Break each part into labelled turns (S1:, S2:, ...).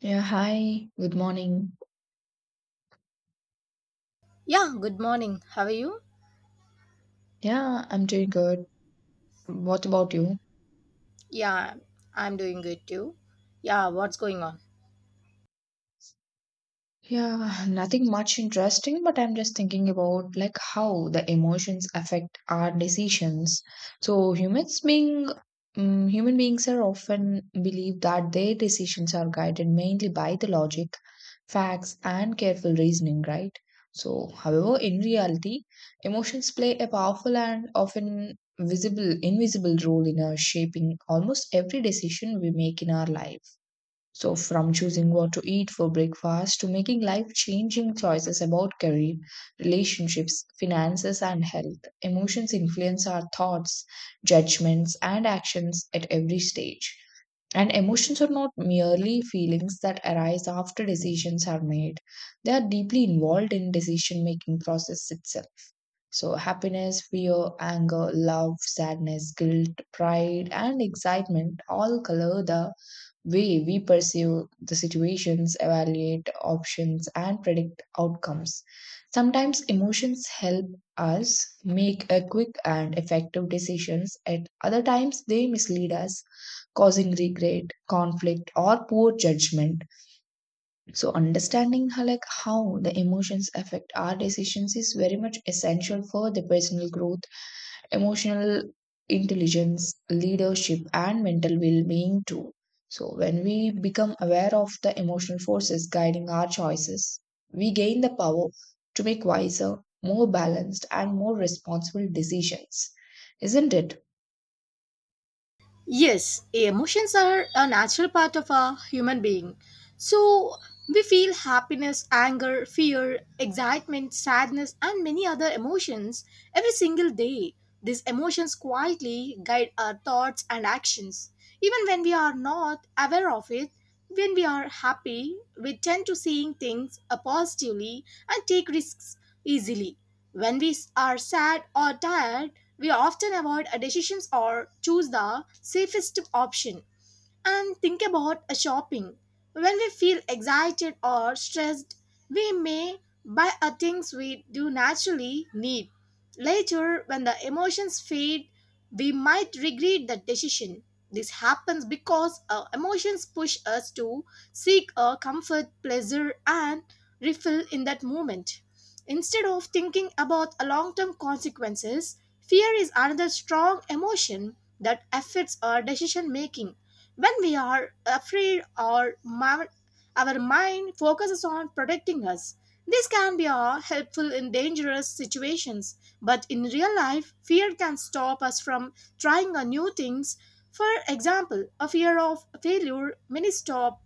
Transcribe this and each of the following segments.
S1: Yeah, hi, good morning.
S2: Yeah, good morning. How are you?
S1: Yeah, I'm doing good. What about you?
S2: Yeah, I'm doing good too. Yeah, what's going on?
S1: Yeah, nothing much interesting, but I'm just thinking about like how the emotions affect our decisions. So humans being human beings are often believe that their decisions are guided mainly by the logic, facts, and careful reasoning, right? So, however, in reality, emotions play a powerful and often visible, invisible role in our shaping almost every decision we make in our life. So, from choosing what to eat for breakfast to making life changing choices about career, relationships, finances, and health, emotions influence our thoughts, judgments, and actions at every stage. And emotions are not merely feelings that arise after decisions are made. They are deeply involved in decision making process itself. So happiness, fear, anger, love, sadness, guilt, pride and excitement all color the way we perceive the situations, evaluate options, and predict outcomes. Sometimes emotions help us make a quick and effective decisions at other times they mislead us causing regret, conflict or poor judgment. So understanding how the emotions affect our decisions is very much essential for the personal growth, emotional intelligence, leadership, and mental well being too. So, when we become aware of the emotional forces guiding our choices, we gain the power to make wiser, more balanced, and more responsible decisions. Isn't it?
S2: Yes, emotions are a natural part of a human being. So we feel happiness, anger, fear, excitement, sadness, and many other emotions every single day. These emotions quietly guide our thoughts and actions. Even when we are not aware of it, when we are happy, we tend to seeing things positively and take risks easily. When we are sad or tired, we often avoid a decisions or choose the safest option. And think about shopping. When we feel excited or stressed, we may buy a things we do naturally need. Later, when the emotions fade, we might regret the decision. This happens because our emotions push us to seek a comfort, pleasure, and refill in that moment. Instead of thinking about a long-term consequences, fear is another strong emotion that affects our decision making when we are afraid, our mind focuses on protecting us. This can be helpful in dangerous situations, but in real life, fear can stop us from trying new things. For example, a fear of failure may stop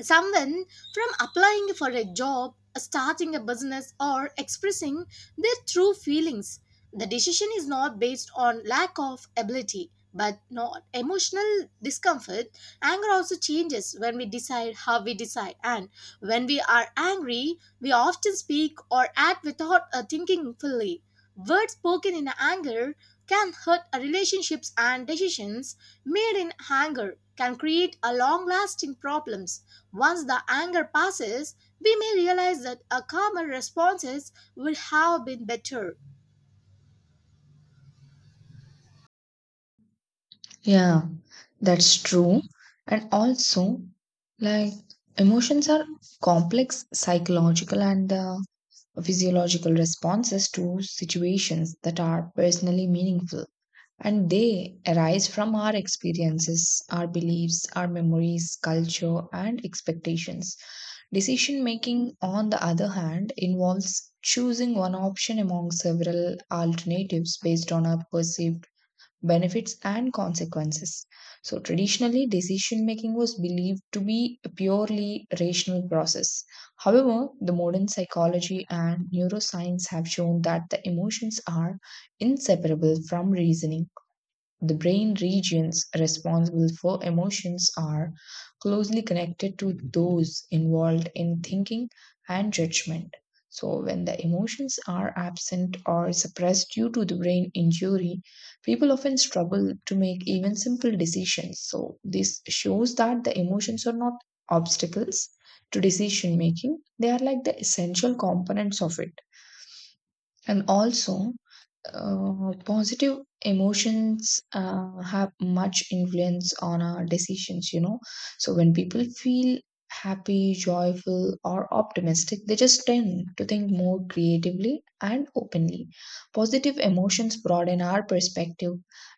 S2: someone from applying for a job, starting a business, or expressing their true feelings. The decision is not based on lack of ability, but not emotional discomfort. Anger also changes when we decide how we decide, and when we are angry, we often speak or act without thinking fully. Words spoken in anger can hurt our relationships and decisions made in anger can create a long-lasting problems. Once the anger passes, we may realize that a calmer responses would have been better.
S1: Yeah, that's true. And also, like, emotions are complex psychological and physiological responses to situations that are personally meaningful. And they arise from our experiences, our beliefs, our memories, culture, and expectations. Decision making, on the other hand, involves choosing one option among several alternatives based on our perceived benefits and consequences. So, traditionally, decision making was believed to be a purely rational process. However, the modern psychology and neuroscience have shown that the emotions are inseparable from reasoning. The brain regions responsible for emotions are closely connected to those involved in thinking and judgment. So, when the emotions are absent or suppressed due to the brain injury, people often struggle to make even simple decisions. So, this shows that the emotions are not obstacles to decision making, they are like the essential components of it. And also, positive emotions have much influence on our decisions, you know. So when people feel happy, joyful, or optimistic, they just tend to think more creatively and openly. Positive emotions broaden our perspective,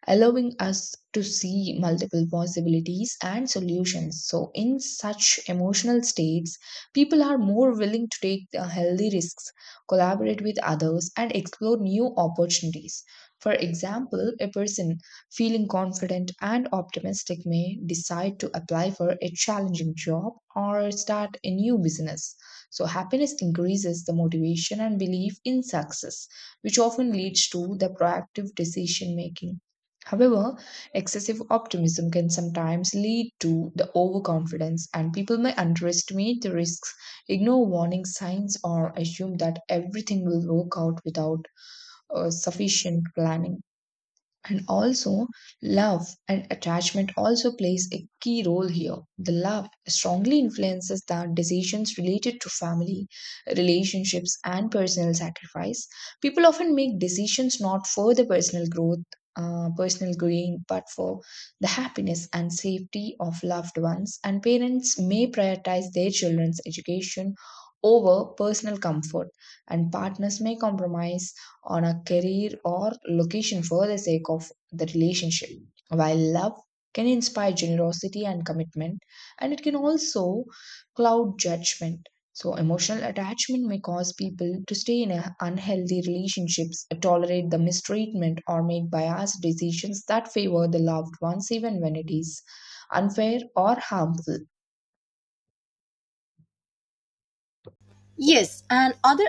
S1: allowing us to see multiple possibilities and solutions. So in such emotional states, people are more willing to take the healthy risks, collaborate with others, and explore new opportunities. For example, a person feeling confident and optimistic may decide to apply for a challenging job or start a new business. So, happiness increases the motivation and belief in success, which often leads to the proactive decision making. However, excessive optimism can sometimes lead to the overconfidence, and people may underestimate the risks, ignore warning signs or assume that everything will work out without sufficient planning. And also, love and attachment also plays a key role here. The love strongly influences the decisions related to family, relationships and personal sacrifice. People often make decisions not for the personal growth, personal gain but for the happiness and safety of loved ones. And parents may prioritize their children's education over personal comfort, and partners may compromise on a career or location for the sake of the relationship. While love can inspire generosity and commitment, and it can also cloud judgment. So, emotional attachment may cause people to stay in a unhealthy relationships, tolerate the mistreatment, or make biased decisions that favor the loved ones, even when it is unfair or harmful.
S2: Yes, and other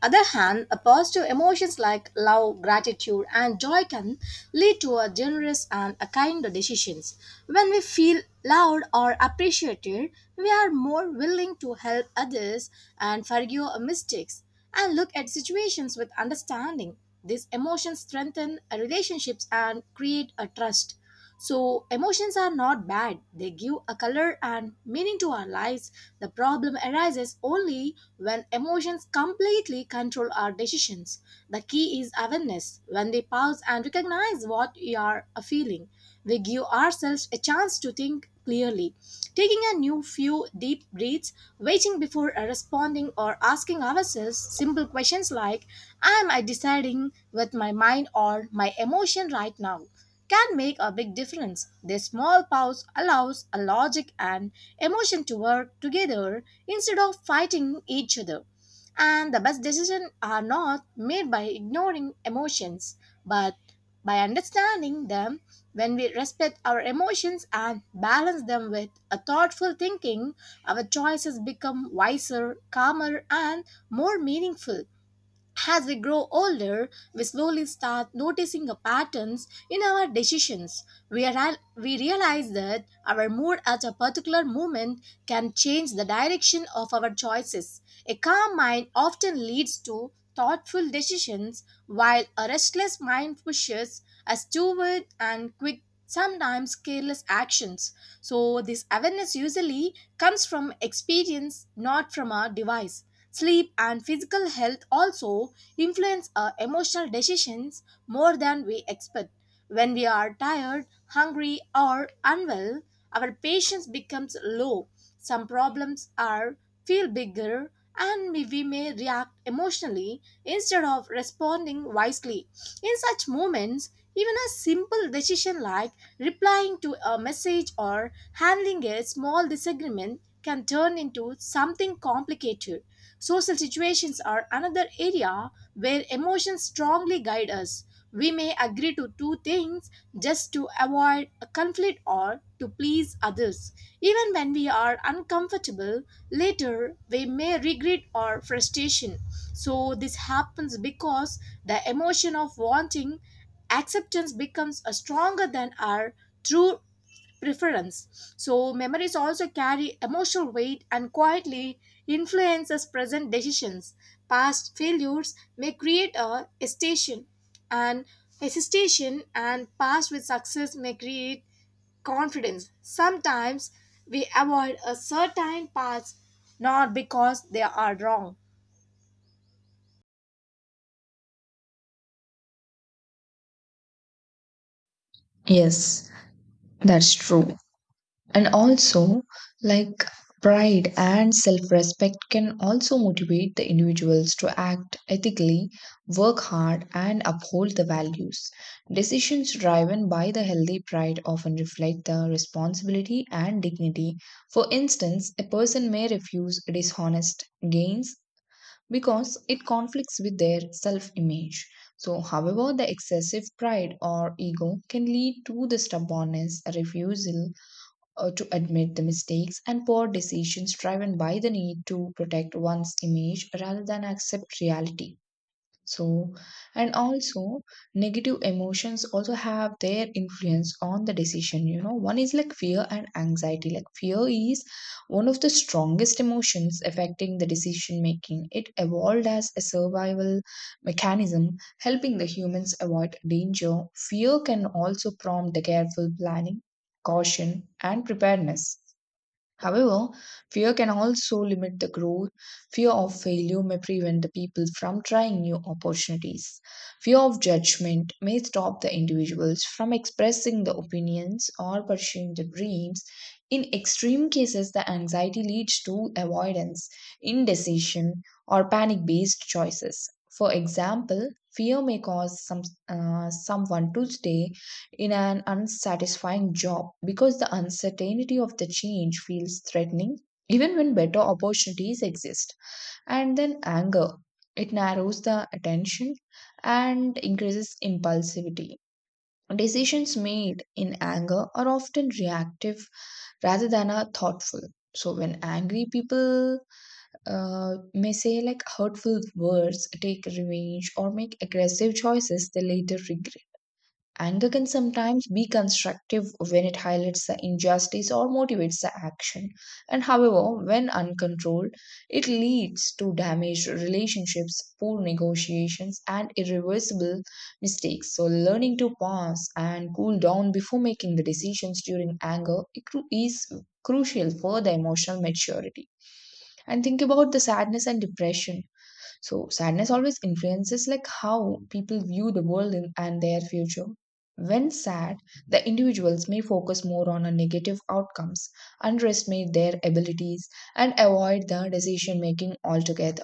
S2: other hand, a positive emotions like love, gratitude, and joy can lead to a generous and a kind decisions. When we feel loved or appreciated, we are more willing to help others and forgive our mistakes and look at situations with understanding. These emotions strengthen relationships and create a trust. So, emotions are not bad, they give a color and meaning to our lives. The problem arises only when emotions completely control our decisions. The key is awareness. When we pause and recognize what we are feeling, we give ourselves a chance to think clearly. Taking a new few deep breaths, waiting before responding, or asking ourselves simple questions like, am I deciding with my mind or my emotion right now? Can make a big difference. This small pause allows a logic and emotion to work together instead of fighting each other. And the best decisions are not made by ignoring emotions, but by understanding them when we respect our emotions and balance them with a thoughtful thinking, our choices become wiser, calmer, and more meaningful. As we grow older, we slowly start noticing the patterns in our decisions. We realize that our mood at a particular moment can change the direction of our choices. A calm mind often leads to thoughtful decisions, while a restless mind pushes us toward and quick sometimes careless actions. So, this awareness usually comes from experience, not from a device. Sleep and physical health also influence our emotional decisions more than we expect. When we are tired, hungry, or unwell, our patience becomes low. Some problems are feel bigger and we may react emotionally instead of responding wisely. In such moments, even a simple decision like replying to a message or handling a small disagreement can turn into something complicated. Social situations are another area where emotions strongly guide us. We may agree to two things just to avoid a conflict or to please others. Even when we are uncomfortable, later we may regret our frustration. So, this happens because the emotion of wanting acceptance becomes a stronger than our true preference. So, memories also carry emotional weight and quietly influences present decisions. Past failures may create a hesitation, and hesitation and past with success may create confidence. Sometimes we avoid a certain path not because they are wrong.
S1: Yes, that's true. And also, like, pride and self respect can also motivate the individuals to act ethically, work hard, and uphold the values. Decisions driven by the healthy pride often reflect the responsibility and dignity. For instance, a person may refuse dishonest gains because it conflicts with their self image. So, however, the excessive pride or ego can lead to the stubbornness, refusal, to admit the mistakes and poor decisions driven by the need to protect one's image rather than accept reality. So, and also, negative emotions also have their influence on the decision. You know, one is like fear and anxiety. Like fear is one of the strongest emotions affecting the decision making. It evolved as a survival mechanism, helping the humans avoid danger. Fear can also prompt the careful planning, caution, and preparedness. However, fear can also limit the growth. Fear of failure may prevent the people from trying new opportunities. Fear of judgment may stop the individuals from expressing the opinions or pursuing the dreams. In extreme cases, the anxiety leads to avoidance, indecision, or panic based choices. For example, fear may cause someone to stay in an unsatisfying job because the uncertainty of the change feels threatening even when better opportunities exist. And then anger, it narrows the attention and increases impulsivity. Decisions made in anger are often reactive rather than are thoughtful. So when angry, people may say like hurtful words, take revenge, or make aggressive choices they later regret. Anger can sometimes be constructive when it highlights the injustice or motivates the action. And however, when uncontrolled, it leads to damaged relationships, poor negotiations, and irreversible mistakes. So, learning to pause and cool down before making the decisions during anger is crucial for the emotional maturity. And think about the sadness and depression. So sadness always influences like how people view the world in- and their future. When sad, the individuals may focus more on a negative outcomes, underestimate their abilities, and avoid the decision making altogether.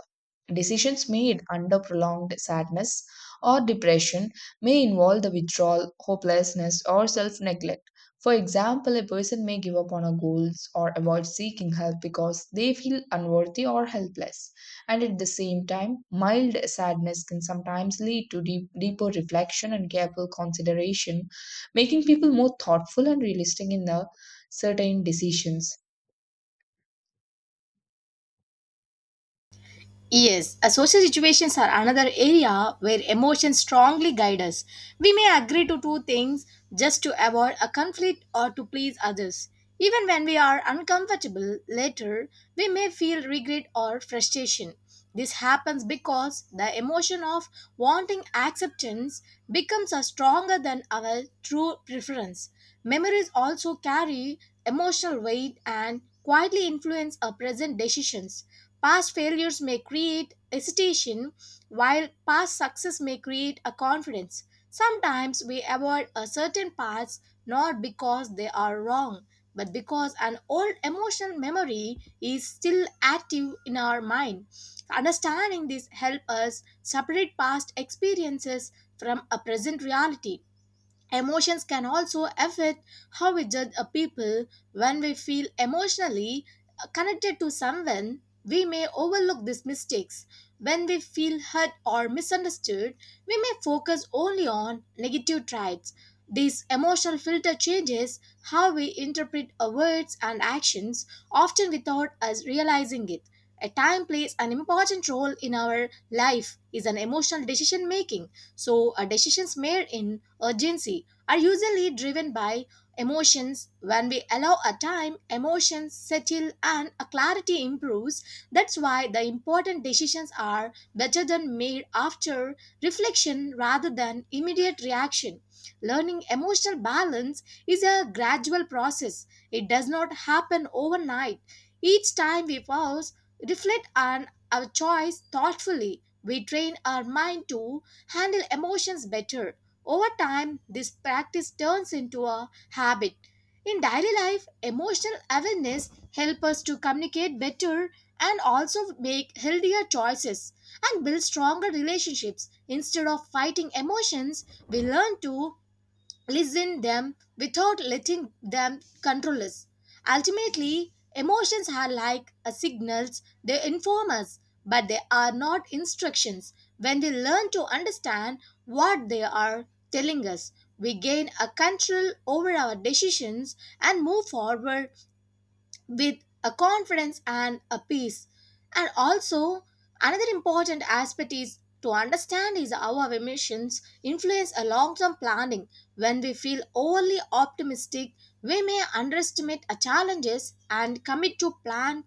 S1: Decisions made under prolonged sadness or depression may involve the withdrawal, hopelessness, or self neglect. For example, a person may give up on a goals or avoid seeking help because they feel unworthy or helpless. And at the same time, mild sadness can sometimes lead to deeper reflection and careful consideration, making people more thoughtful and realistic in their certain decisions.
S2: Yes, social situations are another area where emotions strongly guide us. We may agree to two things just to avoid a conflict or to please others. Even when we are uncomfortable later, we may feel regret or frustration. This happens because the emotion of wanting acceptance becomes a stronger than our true preference. Memories also carry emotional weight and quietly influence our present decisions. Past failures may create hesitation, while past success may create a confidence. Sometimes we avoid a certain paths not because they are wrong, but because an old emotional memory is still active in our mind. Understanding this helps us separate past experiences from a present reality. Emotions can also affect how we judge a people. When we feel emotionally connected to someone, we may overlook these mistakes. When we feel hurt or misunderstood, we may focus only on negative traits. This emotional filter changes how we interpret our words and actions, often without us realizing it. A time plays an important role in our life is an emotional decision making. So, a decisions made in urgency are usually driven by emotions. When we allow a time, emotions settle and a clarity improves. That's why the important decisions are better than made after reflection rather than immediate reaction. Learning emotional balance is a gradual process. It does not happen overnight. Each time we pause, reflect on our choice thoughtfully, we train our mind to handle emotions better. Over time, this practice turns into a habit. In daily life, emotional awareness helps us to communicate better and also make healthier choices and build stronger relationships. Instead of fighting emotions, we learn to listen them without letting them control us. Ultimately, emotions are like a signals, they inform us, but they are not instructions. When we learn to understand what they are telling us, we gain a control over our decisions and move forward with a confidence and a peace. And also, another important aspect is to understand is our emotions influence a long-term planning. When we feel overly optimistic, we may underestimate our challenges and commit to plan,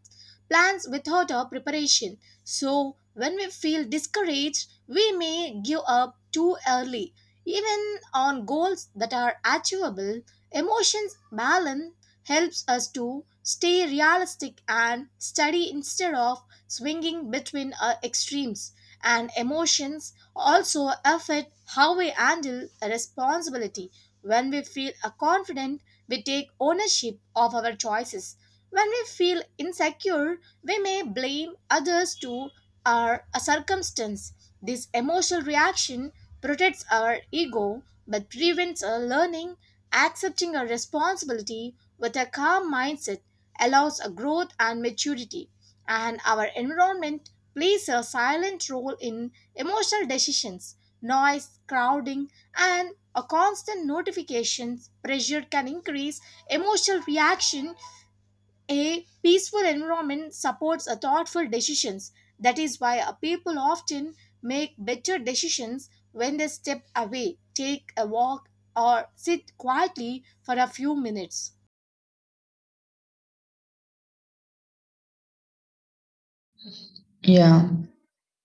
S2: plans without our preparation. So, when we feel discouraged, we may give up too early. Even on goals that are achievable, emotions balance helps us to stay realistic and steady instead of swinging between extremes and emotions also affect how we handle a responsibility. When we feel a confident, we take ownership of our choices. When we feel insecure, we may blame others to our a circumstance. This emotional reaction protects our ego but prevents our learning, accepting a responsibility with a calm mindset allows a growth and maturity and our environment plays a silent role in emotional decisions. Noise, crowding, and a constant notifications pressure can increase emotional reaction. A peaceful environment supports a thoughtful decisions. That is why a people often make better decisions when they step away, take a walk, or sit quietly for a few minutes.
S1: Yeah.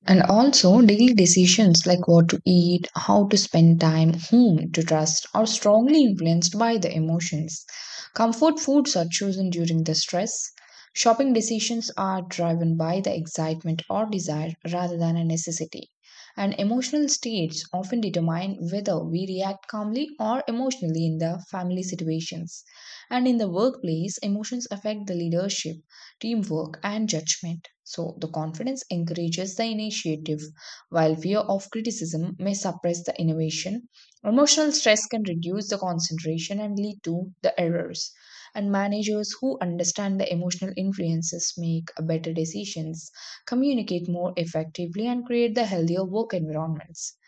S1: And also, daily decisions like what to eat, how to spend time, whom to trust are strongly influenced by the emotions. Comfort foods are chosen during the stress. Shopping decisions are driven by the excitement or desire rather than a necessity. And emotional states often determine whether we react calmly or emotionally in the family situations. And in the workplace, emotions affect the leadership, teamwork, and judgment. So, the confidence encourages the initiative, while fear of criticism may suppress the innovation. Emotional stress can reduce the concentration and lead to the errors. And managers who understand the emotional influences make better decisions, communicate more effectively, and create the healthier work environments.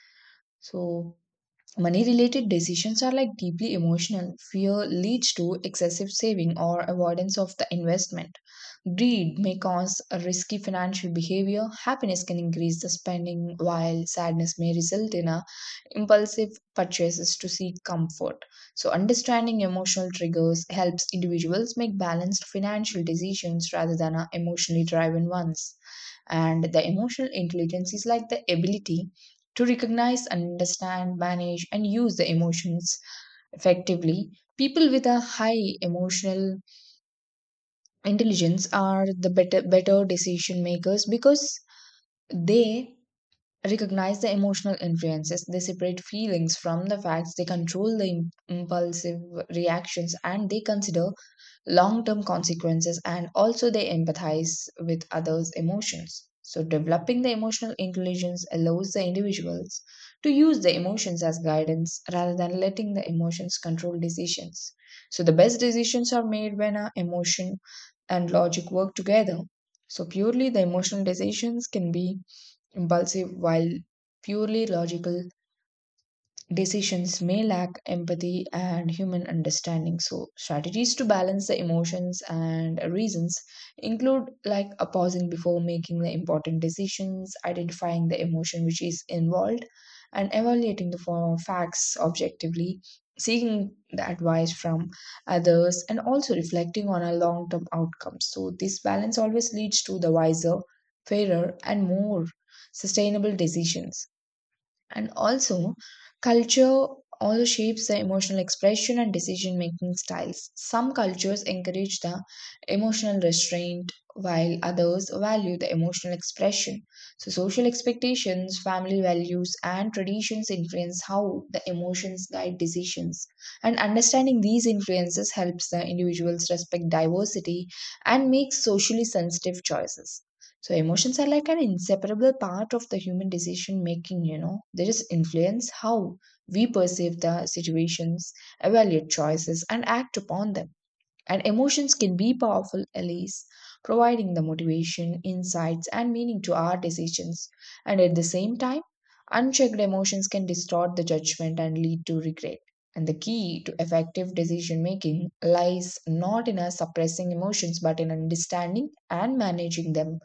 S1: So, money related decisions are like deeply emotional. Fear leads to excessive saving or avoidance of the investment. Greed may cause a risky financial behavior. Happiness can increase the spending, while sadness may result in a impulsive purchases to seek comfort. So, understanding emotional triggers helps individuals make balanced financial decisions rather than a emotionally driven ones. And the emotional intelligence is like the ability to recognize, understand, manage, and use the emotions effectively. People with a high emotional intelligence are the better decision makers because they recognize the emotional influences, they separate feelings from the facts, they control the impulsive reactions and they consider long term consequences, and also they empathize with others' emotions. So, developing the emotional intelligence allows the individuals to use the emotions as guidance rather than letting the emotions control decisions. So, the best decisions are made when our emotion and logic work together. So, purely the emotional decisions can be impulsive, while purely logical decisions may lack empathy and human understanding. So, strategies to balance the emotions and reasons include like a pausing before making the important decisions, identifying the emotion which is involved, and evaluating the facts objectively, seeking the advice from others, and also reflecting on our long term outcomes. So, this balance always leads to the wiser, fairer, and more sustainable decisions. And also, culture also shapes the emotional expression and decision making styles. Some cultures encourage the emotional restraint, while others value the emotional expression. So, social expectations, family values, and traditions influence how the emotions guide decisions. And understanding these influences helps the individuals respect diversity and make socially sensitive choices. So emotions are like an inseparable part of the human decision making, you know. They just influence how we perceive the situations, evaluate choices, and act upon them. And emotions can be powerful allies, providing the motivation, insights, and meaning to our decisions. And at the same time, unchecked emotions can distort the judgment and lead to regret. And the key to effective decision making lies not in us suppressing emotions but in understanding and managing them.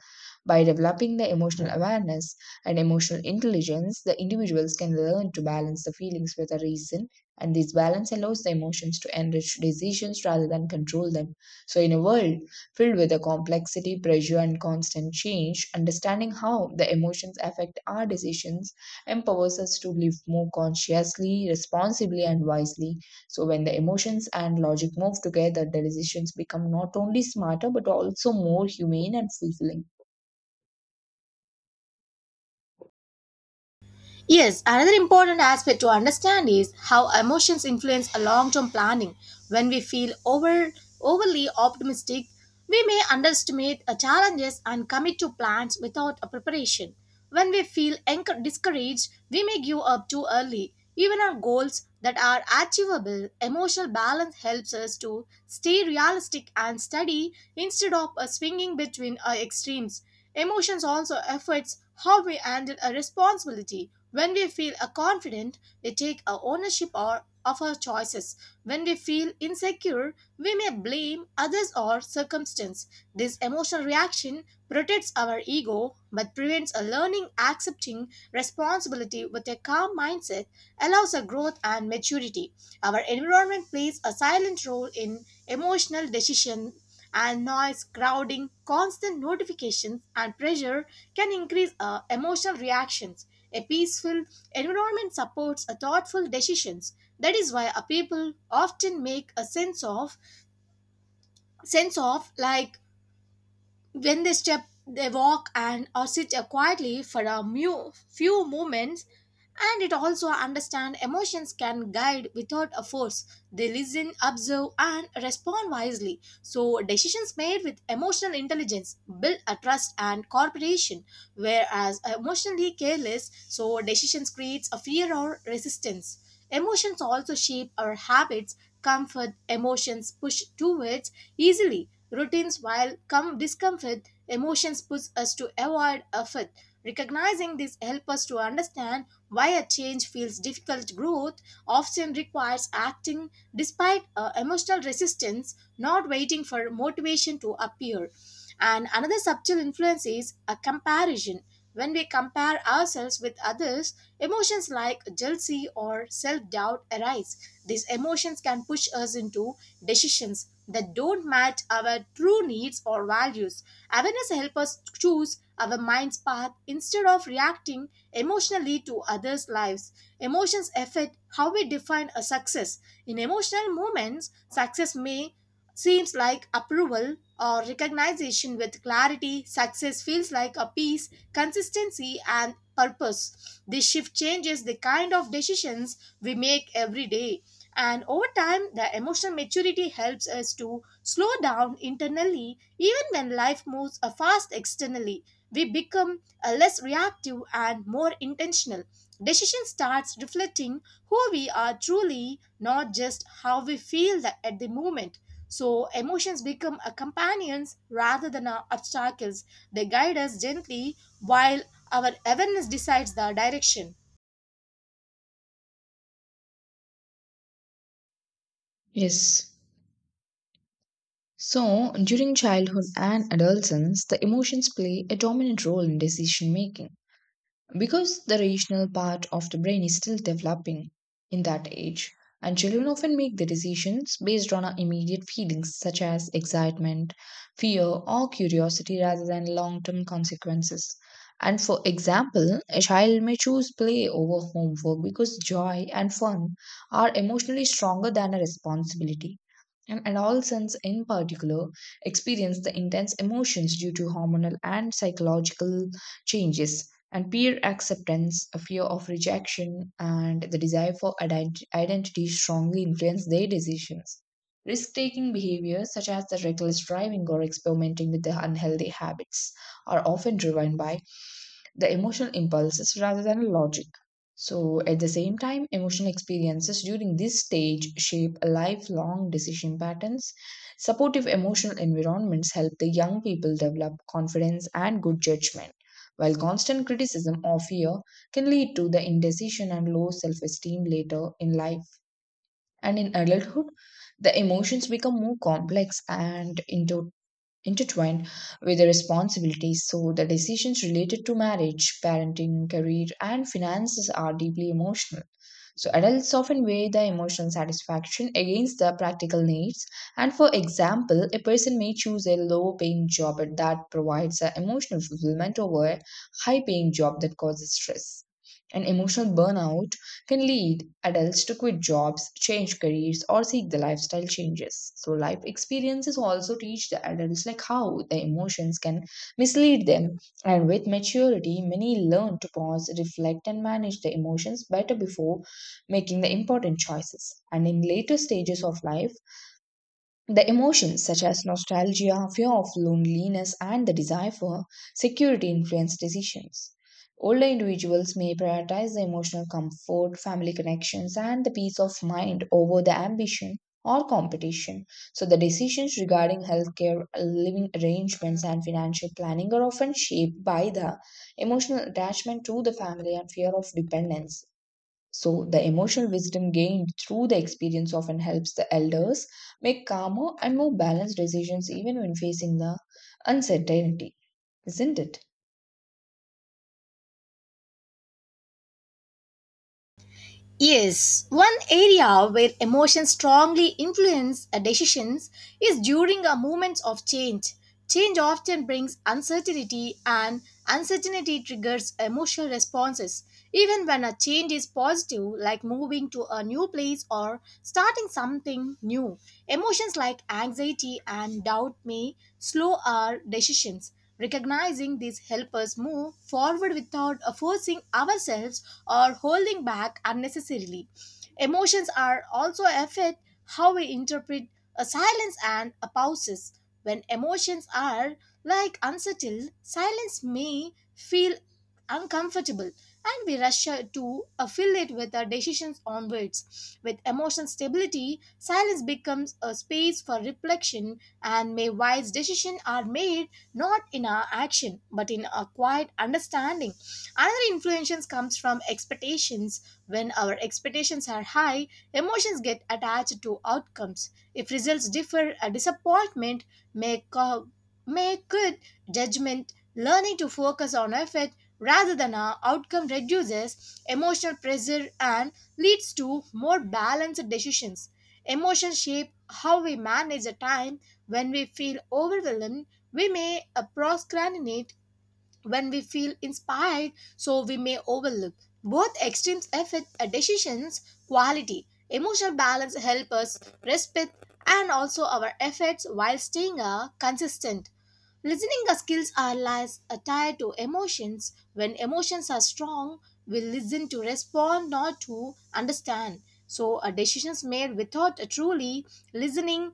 S1: By developing the emotional awareness and emotional intelligence, the individuals can learn to balance the feelings with the reason, and this balance allows the emotions to enrich decisions rather than control them. So, in a world filled with the complexity, pressure, and constant change, understanding how the emotions affect our decisions empowers us to live more consciously, responsibly, and wisely. So, when the emotions and logic move together, the decisions become not only smarter but also more humane and fulfilling.
S2: Yes, another important aspect to understand is how emotions influence a long-term planning. When we feel overly optimistic, we may underestimate challenges and commit to plans without a preparation. When we feel discouraged, we may give up too early. Even on goals that are achievable, emotional balance helps us to stay realistic and steady instead of swinging between extremes. Emotions also affects how we handle a responsibility. When we feel a confident, we take a ownership or of our choices. When we feel insecure, we may blame others or circumstance. This emotional reaction protects our ego but prevents a learning accepting responsibility with a calm mindset allows a growth and maturity. Our environment plays a silent role in emotional decision and noise, crowding, constant notifications and pressure can increase emotional reactions. A peaceful environment supports a thoughtful decisions. That is why a people often make a sense of like when they step, they walk and or sit quietly for a few moments, and it also understand emotions can guide without a force. They listen, observe, and respond wisely. So decisions made with emotional intelligence build a trust and cooperation, whereas emotionally careless, so decisions creates a fear or resistance. Emotions also shape our habits. Comfort emotions push towards easily routines, while discomfort emotions push us to avoid effort. Recognizing this helps us to understand why a change feels difficult. Growth often requires acting despite emotional resistance, not waiting for motivation to appear. And another subtle influence is a comparison. When we compare ourselves with others, emotions like jealousy or self doubt arise. These emotions can push us into decisions that don't match our true needs or values. Awareness helps us choose our mind's path instead of reacting emotionally to others' lives. Emotions affect how we define a success. In emotional moments, success may seems like approval or recognition with clarity success feels like a peace consistency and purpose this shift changes the kind of decisions we make every day and over time, the emotional maturity helps us to slow down internally even when life moves fast externally. We become less reactive and more intentional. Decision starts reflecting who we are truly, not just how we feel that at the moment. So, emotions become a companions rather than our obstacles. They guide us gently while our awareness decides the direction.
S1: Yes. So, during childhood and adolescence, the emotions play a dominant role in decision making. Because the rational part of the brain is still developing in that age, and children often make their decisions based on our immediate feelings such as excitement, fear, or curiosity rather than long term consequences. And for example, a child may choose play over homework because joy and fun are emotionally stronger than a responsibility. And adolescents, in particular, experience the intense emotions due to hormonal and psychological changes, and peer acceptance, a fear of rejection, and the desire for identity strongly influence their decisions. Risk taking behaviors, such as the reckless driving or experimenting with the unhealthy habits, are often driven by the emotional impulses rather than logic. So, at the same time, emotional experiences during this stage shape lifelong decision patterns. Supportive emotional environments help the young people develop confidence and good judgment, while constant criticism or fear can lead to the indecision and low self esteem later in life. And in adulthood, the emotions become more complex and into intertwined with the responsibilities. So, the decisions related to marriage, parenting, career, and finances are deeply emotional. So, adults often weigh the emotional satisfaction against the practical needs. And for example, a person may choose a low paying job that provides a emotional fulfillment over a high paying job that causes stress. And emotional burnout can lead adults to quit jobs, change careers, or seek the lifestyle changes. So, life experiences also teach the adults like how the emotions can mislead them. And with maturity, many learn to pause, reflect, and manage the emotions better before making the important choices. And in later stages of life, the emotions such as nostalgia, fear of loneliness, and the desire for security influence decisions. Older individuals may prioritize the emotional comfort, family connections, and the peace of mind over the ambition or competition. So, the decisions regarding healthcare, living arrangements, and financial planning are often shaped by the emotional attachment to the family and fear of dependence. So, the emotional wisdom gained through the experience often helps the elders make calmer and more balanced decisions even when facing the uncertainty, isn't it?
S2: Yes, one area where emotions strongly influence decisions is during a moments of change. Change often brings uncertainty and uncertainty triggers emotional responses. Even when a change is positive, like moving to a new place or starting something new, emotions like anxiety and doubt may slow our decisions. Recognizing these help us move forward without forcing ourselves or holding back unnecessarily. Emotions are also affect how we interpret a silence and a pauses. When emotions are like unsettled, silence may feel uncomfortable and we rush to fill it with our decisions onwards. With emotional stability, silence becomes a space for reflection and may wise decisions are made not in our action but in a quiet understanding another influence comes from expectations when our expectations are high emotions get attached to outcomes if results differ a disappointment may co- may good judgment learning to focus on effort rather than our outcome reduces emotional pressure and leads to more balanced decisions. Emotions shape how we manage the time when we feel overwhelmed we may procrastinate when we feel inspired, so we may overlook. Both extremes affect a decision's quality. Emotional balance help us respect and also our efforts while staying consistent. Listening skills are lies tied to emotions. When emotions are strong, we listen to respond, not to understand. So, decisions made without truly listening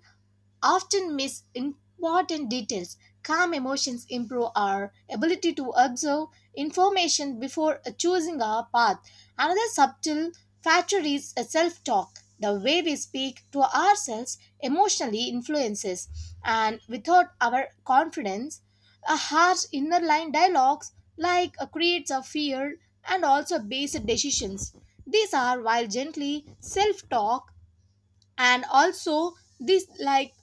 S2: often miss important details. Calm emotions improve our ability to observe information before choosing our path. Another subtle factor is self talk. The way we speak to ourselves emotionally influences, and without our confidence, a harsh inner line dialogues like creates a fear and also base decisions. These are, while gently self talk, and also this like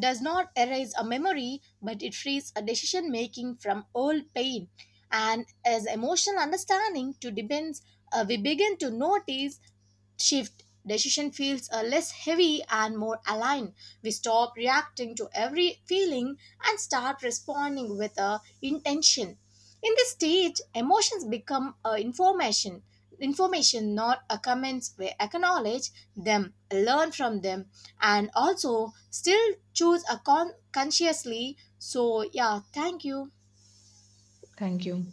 S2: does not erase a memory but it frees a decision making from old pain and as emotional understanding to depends we begin to notice shift decision feels less heavy and more aligned we stop reacting to every feeling and start responding with a intention in this stage emotions become information information not a comments we acknowledge them learn from them and also still choose a consciously so yeah thank you
S1: Thank you.